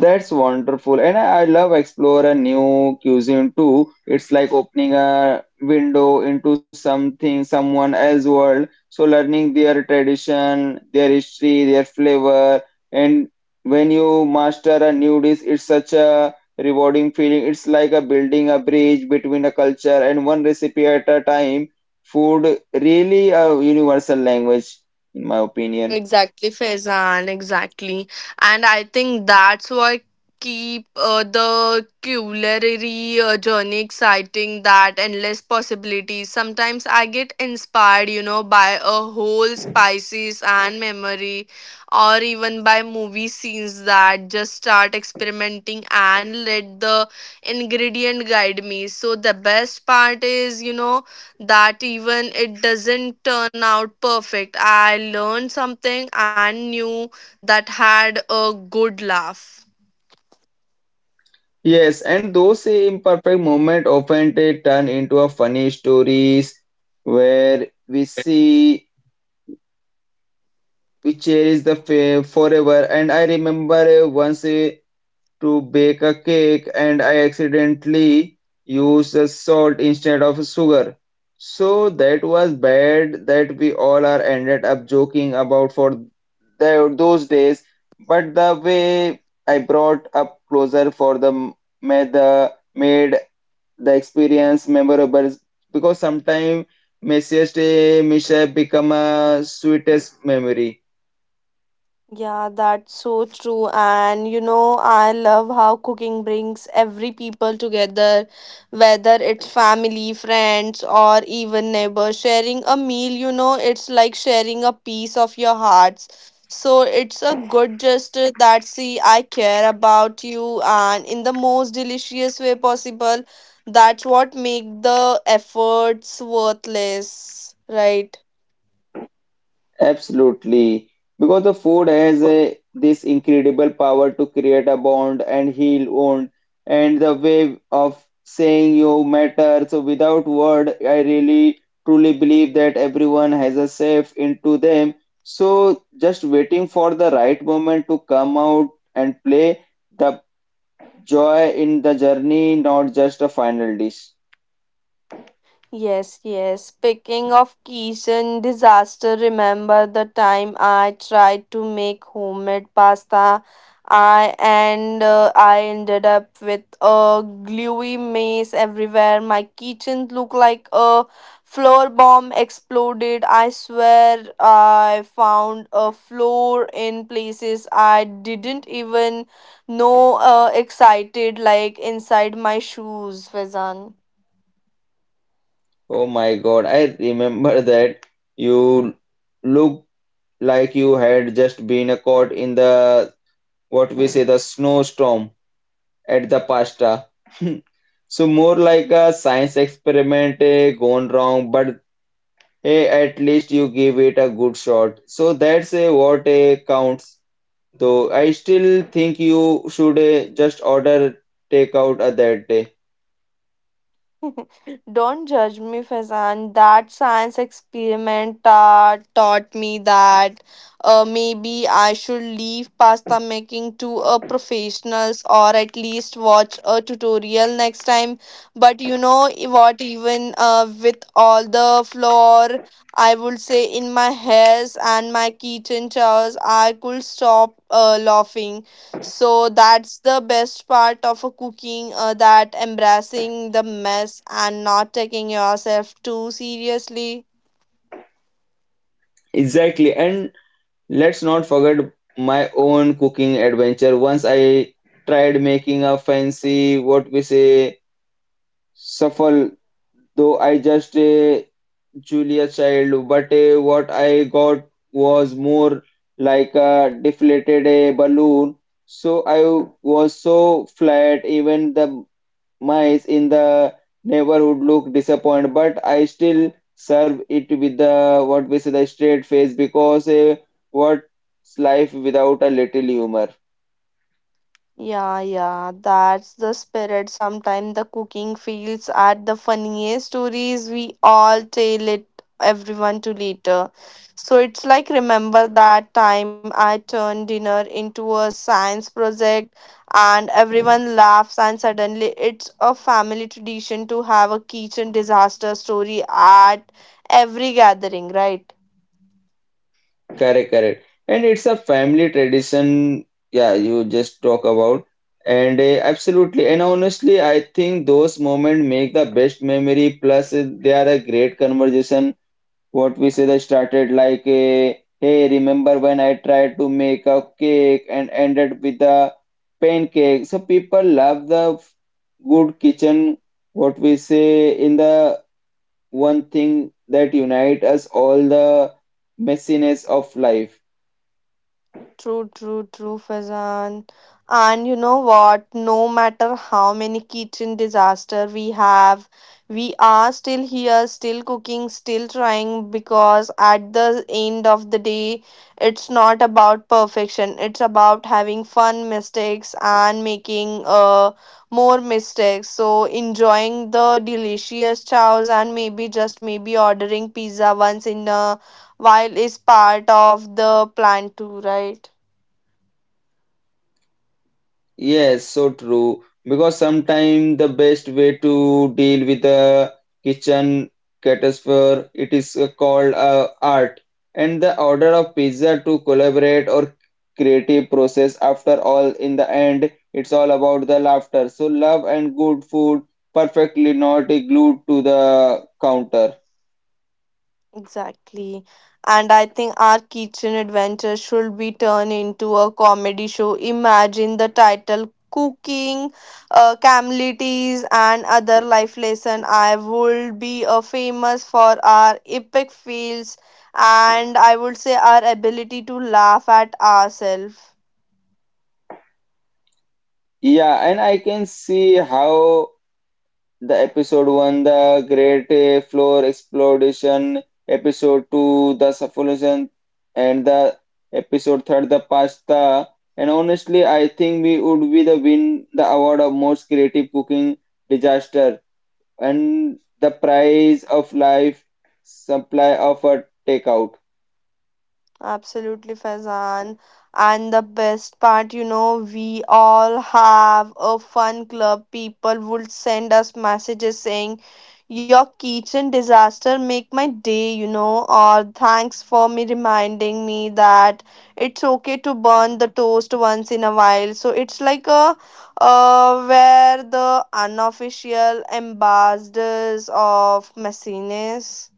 A: That's wonderful. And I love explore a new cuisine too. It's like opening a window into something, someone else's world. So learning their tradition, their history, their flavor. And when you master a new dish, it's such a rewarding feeling. It's like a building a bridge between a culture and one recipe at a time. Food really a universal language, in my opinion.
B: Exactly, Faizan, exactly. And I think that's what keep the culinary journey exciting, that endless possibilities. Sometimes I get inspired, you know, by a whole spices and memory, or even by movie scenes that just start experimenting and let the ingredient guide me. So the best part is, you know, that even it doesn't turn out perfect. I learned something and knew that had a good laugh.
A: Yes, and those imperfect moments often they turn into a funny stories where we cherish the forever. And I remember once to bake a cake, and I accidentally used the salt instead of sugar. So that was bad that we all are ended up joking about for the, those days. But the way I brought up closer for the made the experience memorable, because sometimes messiest mishap become a sweetest memory.
B: Yeah, that's so true. And you know, I love how cooking brings every people together, whether it's family, friends, or even neighbors. Sharing a meal, you know, it's like sharing a piece of your hearts. So it's a good gesture that see I care about you and in the most delicious way possible. That's what make the efforts worthless, right?
A: Absolutely. Because the food has a, this incredible power to create a bond and heal wound and the way of saying you matter. So without word, I really truly believe that everyone has a safe into them, so just waiting for the right moment to come out and play the joy in the journey, not just a final dish.
B: Yes, yes. Speaking of kitchen disaster, remember the time I tried to make homemade pasta? I ended up with a gluey mess everywhere. My kitchen looked like a floor bomb exploded. I swear I found a floor in places I didn't even know excited, like inside my shoes, Fazan.
A: Oh my God, I remember that. You looked like you had just been caught in the what we say the snowstorm at the pasta. So more like a science experiment gone wrong, but hey, at least you gave it a good shot. So that's what counts. Though I still think you should just order takeout that day.
B: Don't judge me, Faizan. That science experiment taught me that maybe I should leave pasta making to a professionals or at least watch a tutorial next time. But you know what? Even with all the flour, I would say in my hairs and my kitchen chairs, I could stop laughing. So that's the best part of a cooking that embracing the mess and not taking yourself too seriously.
A: Exactly, and let's not forget my own cooking adventure. Once I tried making a fancy, what we say, shuffle, though I just a Julia Child, but what I got was more like a deflated balloon. So I was so flat, even the mice in the neighborhood look disappointed, but I still serve it with the what we say the straight face, because what's life without a little humor?
B: Yeah, yeah, that's the spirit. Sometimes the cooking feels at the funniest stories we all tell it everyone to later. So it's like remember that time I turned dinner into a science project and everyone laughs and suddenly it's a family tradition to have a kitchen disaster story at every gathering, right?
A: Correct, correct. And it's a family tradition. Yeah, you just talk about and absolutely. And honestly, I think those moments make the best memory. Plus, they are a great conversation. What we say that started like a, hey, remember when I tried to make a cake and ended with a pancake? So people love the good kitchen. What we say in the one thing that unite us all, the messiness of life.
B: True, true, true, Fazan. And you know what? No matter how many kitchen disaster we have, we are still here, still cooking, still trying because at the end of the day, it's not about perfection. It's about having fun mistakes and making more mistakes. So enjoying the delicious chows and maybe just maybe ordering pizza once in a while is part of the plan too, right?
A: Yes, so true. Because sometimes the best way to deal with a kitchen catastrophe, it is called art. And the order of pizza to collaborate or creative process, after all, in the end, it's all about the laughter. So love and good food perfectly not glued to the counter.
B: Exactly. And I think our kitchen adventure should be turned into a comedy show. Imagine the title Cooking, Camelities, and Other Life Lesson. I would be famous for our epic fails and I would say our ability to laugh at ourselves.
A: Yeah, and I can see how. The episode one, the Great Floor Exploration. Episode two, the Suffocation, and the episode third, the Pasta. And honestly, I think we would be the win the award of most creative cooking disaster, and the prize of life supply of a takeout.
B: Absolutely, Faizan. And the best part, you know, we all have a fun club. People would send us messages saying, your kitchen disaster make my day, you know, or thanks for me reminding me that it's okay to burn the toast once in a while. So it's like a where the unofficial ambassadors of messiness.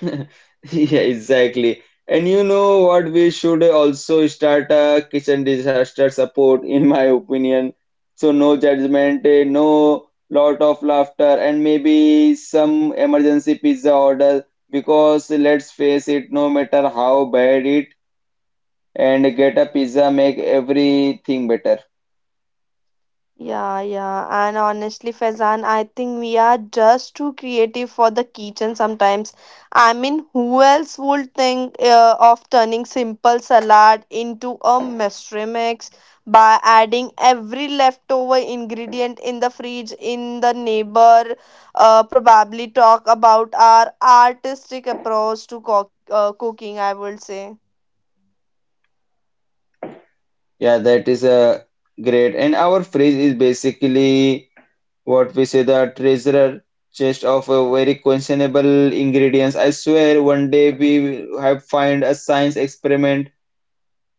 A: Yeah, exactly. And you know what? We should also start a kitchen disaster support, in my opinion. So no judgment, no lot of laughter, and maybe some emergency pizza order. Because let's face it, no matter how bad it, and get a pizza make everything better.
B: Yeah, yeah. And honestly, Faizan, I think we are just too creative for the kitchen sometimes. I mean, who else would think of turning simple salad into a mystery mix by adding every leftover ingredient in the fridge in the neighbor? Probably talk about our artistic approach to cooking, I would say.
A: Yeah, that is a great. And our fridge is basically what we say the treasure chest of a very questionable ingredients. I swear one day we will have find a science experiment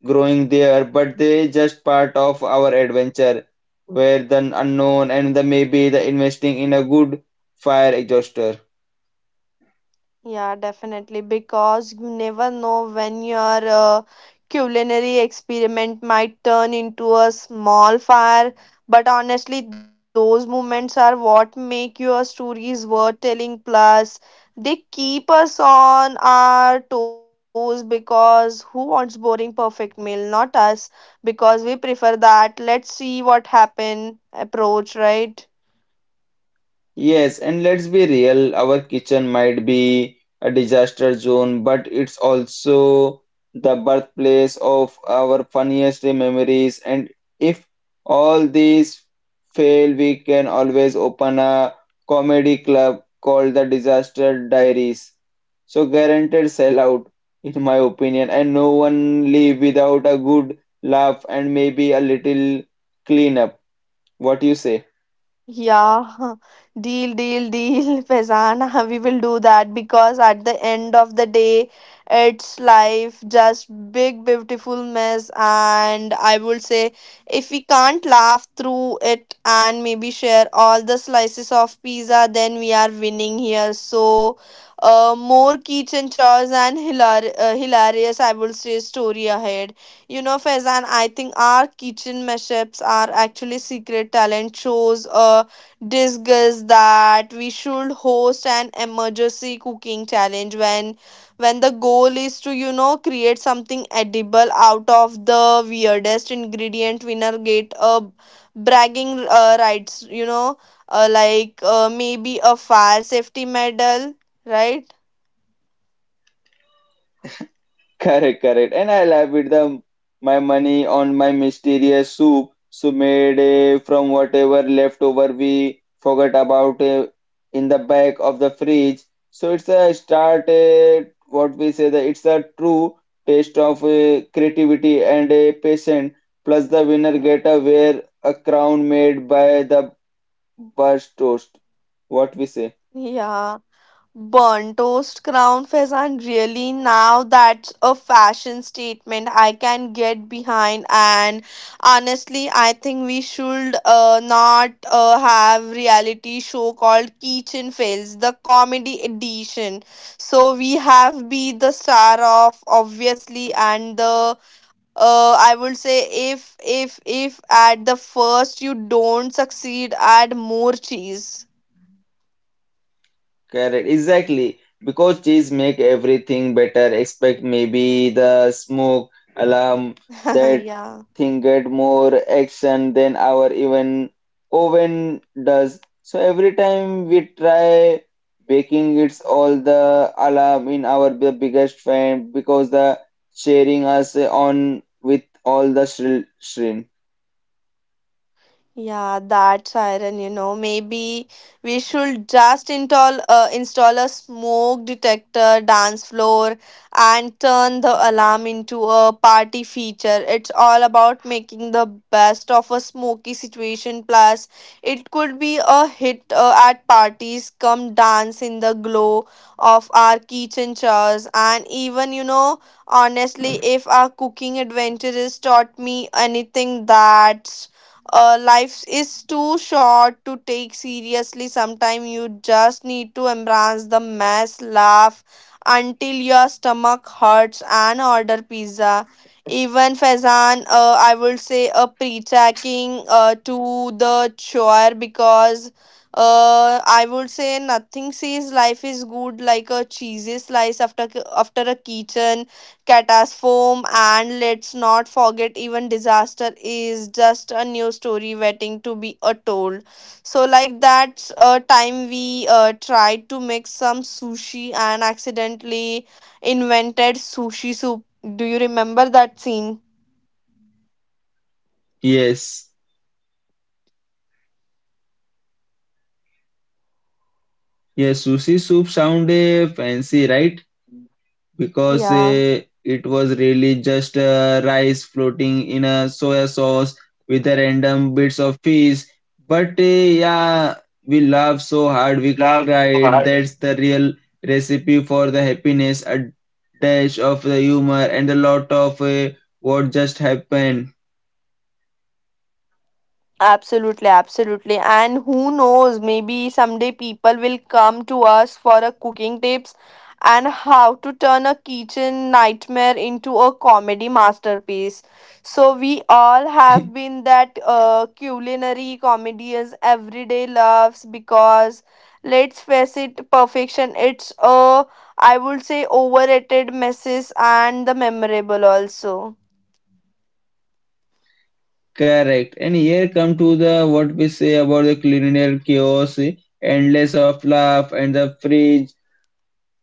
A: growing there, but they just part of our adventure where the unknown and the maybe the investing in a good fire exhauster.
B: Yeah, definitely. Because you never know when your culinary experiment might turn into a small fire. But honestly, those moments are what make your stories worth telling. Plus, they keep us on our toes because who wants boring perfect meal? Not us, because we prefer that. Let's see what happen approach, right?
A: Yes, and let's be real, our kitchen might be a disaster zone, but it's also the birthplace of our funniest memories. And if all these fail, we can always open a comedy club called the Disaster Diaries. So guaranteed sellout, in my opinion, and no one leave without a good laugh and maybe a little cleanup. What do you say?
B: Yeah, deal, deal, deal, Faizan. We will do that because at the end of the day, it's life, just big, beautiful mess. And I would say, if we can't laugh through it and maybe share all the slices of pizza, then we are winning here. So, more kitchen chores and hilarious, I would say, story ahead. You know, Faizan, I think our kitchen mashups are actually secret talent shows. Discuss that we should host an emergency cooking challenge when the goal is to you know create something edible out of the weirdest ingredient. Winner get a bragging rights. You know, maybe a fire safety medal, right?
A: Correct, correct. And I love with the my money on my mysterious soup, so made from whatever leftover we forgot about in the back of the fridge. So it's a start, eh, what we say that it's a true taste of creativity and a patient. Plus the winner get a wear a crown made by the burst toast. What we say?
B: Yeah. Burnt toast crown pheasant, really now that's a fashion statement I can get behind. And honestly, I think we should not have reality show called Kitchen Fails, the comedy edition. So we have be the star of obviously and the. I would say if at the first you don't succeed, add more cheese.
A: Correct, exactly. Because cheese make everything better. Expect maybe the smoke alarm that
B: yeah.
A: thing get more action than our even oven does. So every time we try baking, it's all the alarm in our biggest fan because the sharing us on with all the shrill shrin.
B: Yeah, that's iron, you know. Maybe we should just install a smoke detector dance floor and turn the alarm into a party feature. It's all about making the best of a smoky situation. Plus, it could be a hit at parties. Come dance in the glow of our kitchen chairs, and even you know, honestly, if our cooking adventure has taught me anything, that's life is too short to take seriously sometimes you just need to embrace the mess laugh until your stomach hurts and order pizza even Faizan, I would say a pre-checking to the chore because I would say nothing says life is good like a cheesy slice after a kitchen catastrophe and let's not forget even disaster is just a new story waiting to be told so like that, a time we tried to make some sushi and accidentally invented sushi soup do you remember that scene
A: Yes, yes, sushi soup sound fancy, right? Because
B: yeah
A: it was really just rice floating in a soya sauce with a random bits of fish. But yeah, we laughed so hard we cried. That's the real recipe for the happiness, a dash of the humor and a lot of what just happened.
B: absolutely, absolutely. And who knows, maybe someday people will come to us for a cooking tips and how to turn a kitchen nightmare into a comedy masterpiece. So we all have been that culinary comedians everyday loves because let's face it, perfection it's a I would say overrated messes and the memorable also.
A: Correct. And here come to the what we say about the culinary chaos, eh, endless of laugh and the fridge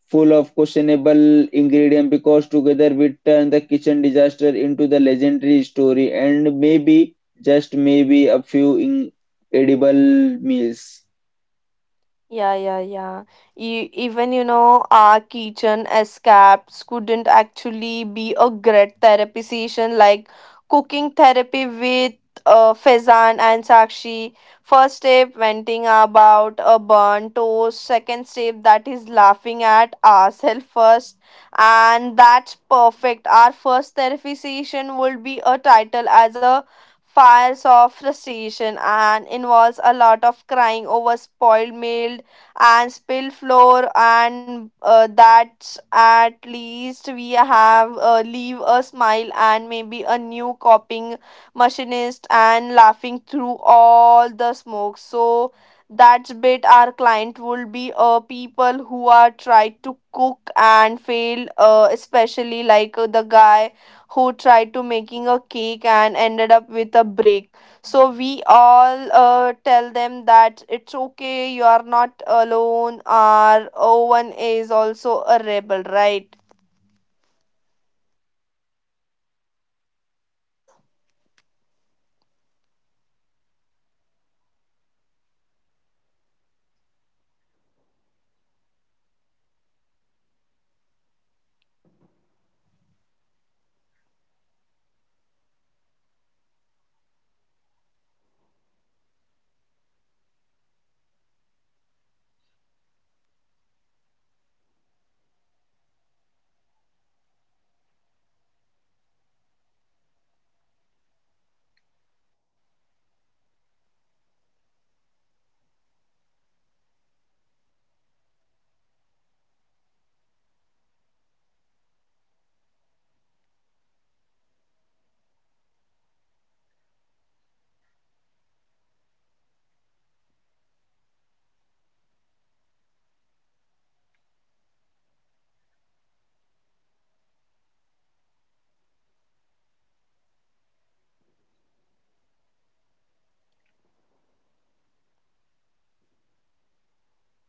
A: full of questionable ingredient because together we turn the kitchen disaster into the legendary story and maybe just maybe a few in edible meals.
B: Yeah, yeah, yeah. even, you know, our kitchen escapes couldn't actually be a great therapy session like cooking therapy with Faizan and Sakshi. First step, venting about a burnt toast. Second step, that is laughing at ourselves first. And that's perfect. Our first therapy session would be a title as a fires of frustration and involves a lot of crying over spoiled meals and spill floor and that's at least we have leave a smile and maybe a new copying machinist and laughing through all the smoke so that's bit our client would be people who are tried to cook and fail especially like the guy who tried to making a cake and ended up with a break. So we all tell them that it's okay, you are not alone, our O1 is also a rebel, right?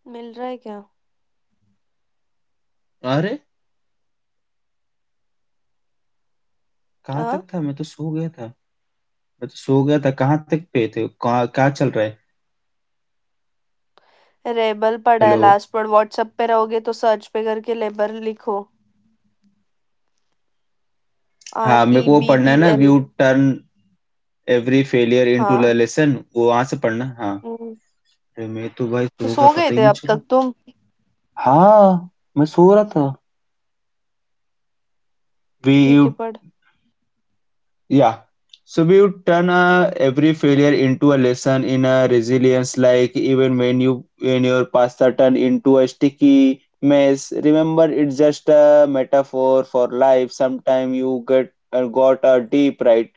B: मिल रहा है क्या?
A: अरे कहाँ
B: हाँ,
A: तक था? मैं तो सो गया था, मैं तो सो गया था. कहाँ तक पे थे? कहाँ क्या चल रहा है?
B: रेबल पड़ा है
A: हेलो.
B: लास्ट पर व्हाट्सएप पे रहोगे तो सर्च पे करके लेबर लिखो, आर
A: हाँ,
B: ई
A: मेरे को वो
B: बी
A: पढ़ना है
B: ई
A: ना,
B: एल,
A: view turn every failure into a
B: हाँ,
A: लेसन, वो वहां से पढ़ना. हाँ.
B: हम्म,
A: अरे मैं तो भाई
B: तो
A: सो गया,
B: सो गए
A: पता ही
B: थे
A: नहीं
B: अब
A: चला.
B: तक तुम?
A: हाँ, मैं सो रहा था. वी
B: ठीक
A: यू.
B: है, पढ़.
A: Yeah. So we would turn every failure into a lesson in a resilience. Like even when your pasta turn into a sticky mess, remember it's just a metaphor for life. Sometime you get got a deep right.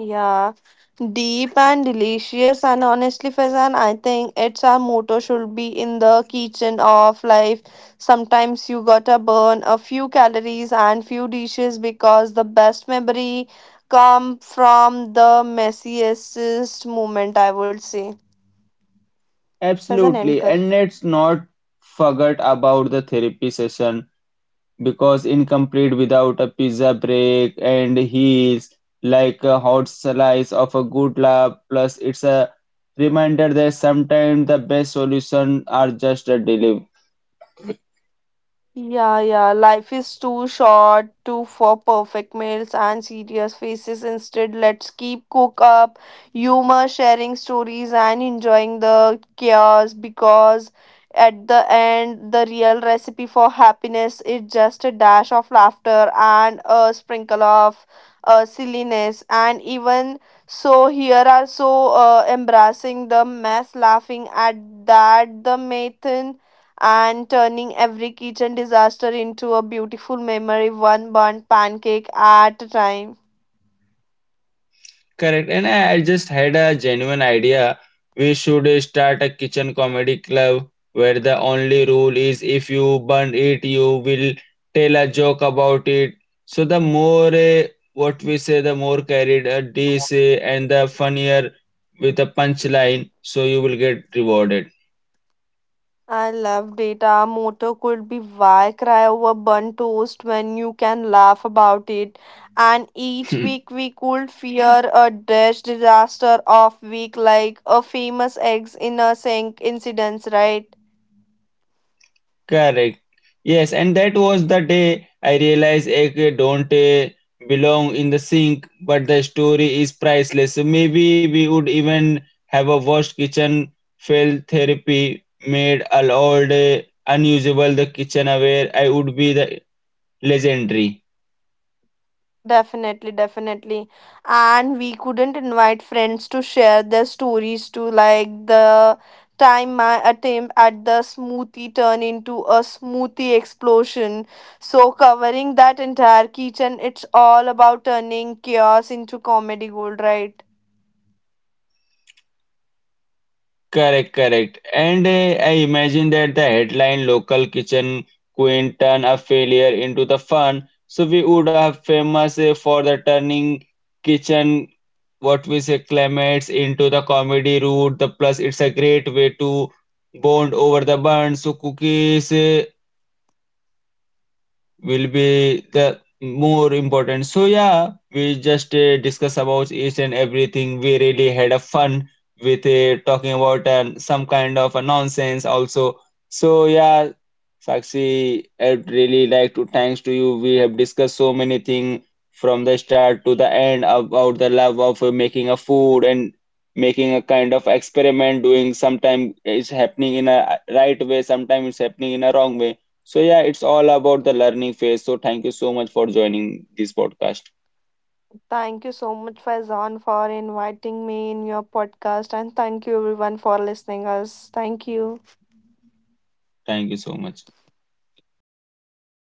B: Yeah, deep and delicious, and honestly, Faizan, I think it's our motto should be in the kitchen of life. Sometimes you gotta burn a few calories and few dishes because the best memory come from the messiest moment, I would say. Faizan, end
A: Absolutely,
B: kar.
A: and let's not forget about the therapy session, because incomplete without a pizza break and heels like a hot slice of a good laugh. Plus it's a reminder that sometimes the best solution are just a delivery.
B: Yeah, yeah. Life is too short to for perfect meals and serious faces. Instead, let's keep cook up, humor, sharing stories, and enjoying the chaos because at the end, the real recipe for happiness is just a dash of laughter and a sprinkle of silliness. And even so, here are so embracing the mess, laughing at that the method and turning every kitchen disaster into a beautiful memory, one burnt pancake at a time.
A: Correct. And I just had a genuine idea. We should start a kitchen comedy club where the only rule is if you burn it, you will tell a joke about it. So the more what we say, the more carried a dish and the funnier with a punchline, so you will get rewarded.
B: I loved it. Our motto could be why cry over burnt toast when you can laugh about it. And each week we could fear a dash disaster of week like a famous eggs in a sink incidents, right?
A: Correct. Yes, and that was the day I realized I don't belong in the sink, but the story is priceless. So maybe we would even have a worst kitchen fail therapy made all old eh, unusable the kitchen aware. I would be the legendary.
B: Definitely, definitely. And we couldn't invite friends to share their stories to like the time my attempt at the smoothie turned into a smoothie explosion. So covering that entire kitchen, it's all about turning chaos into comedy gold, right?
A: Correct, correct. And I imagine that the headline local kitchen queen turn a failure into the fun. So we would have famous for the turning kitchen what we say climates into the comedy route. The plus it's a great way to bond over the bun. So cookies will be the more important. So yeah, we just discuss about each and everything. We really had a fun with talking about some kind of a nonsense also. So yeah, Sakshi, I'd really like to thanks to you. We have discussed so many things from the start to the end about the love of making a food and making a kind of experiment doing sometime it's happening in a right way. Sometimes it's happening in a wrong way, so yeah, it's all about the learning phase. So thank you so much for joining this podcast.
B: Thank you so much, Faizan, for inviting me in your podcast and thank you everyone for listening us. Thank you.
A: Thank you so much.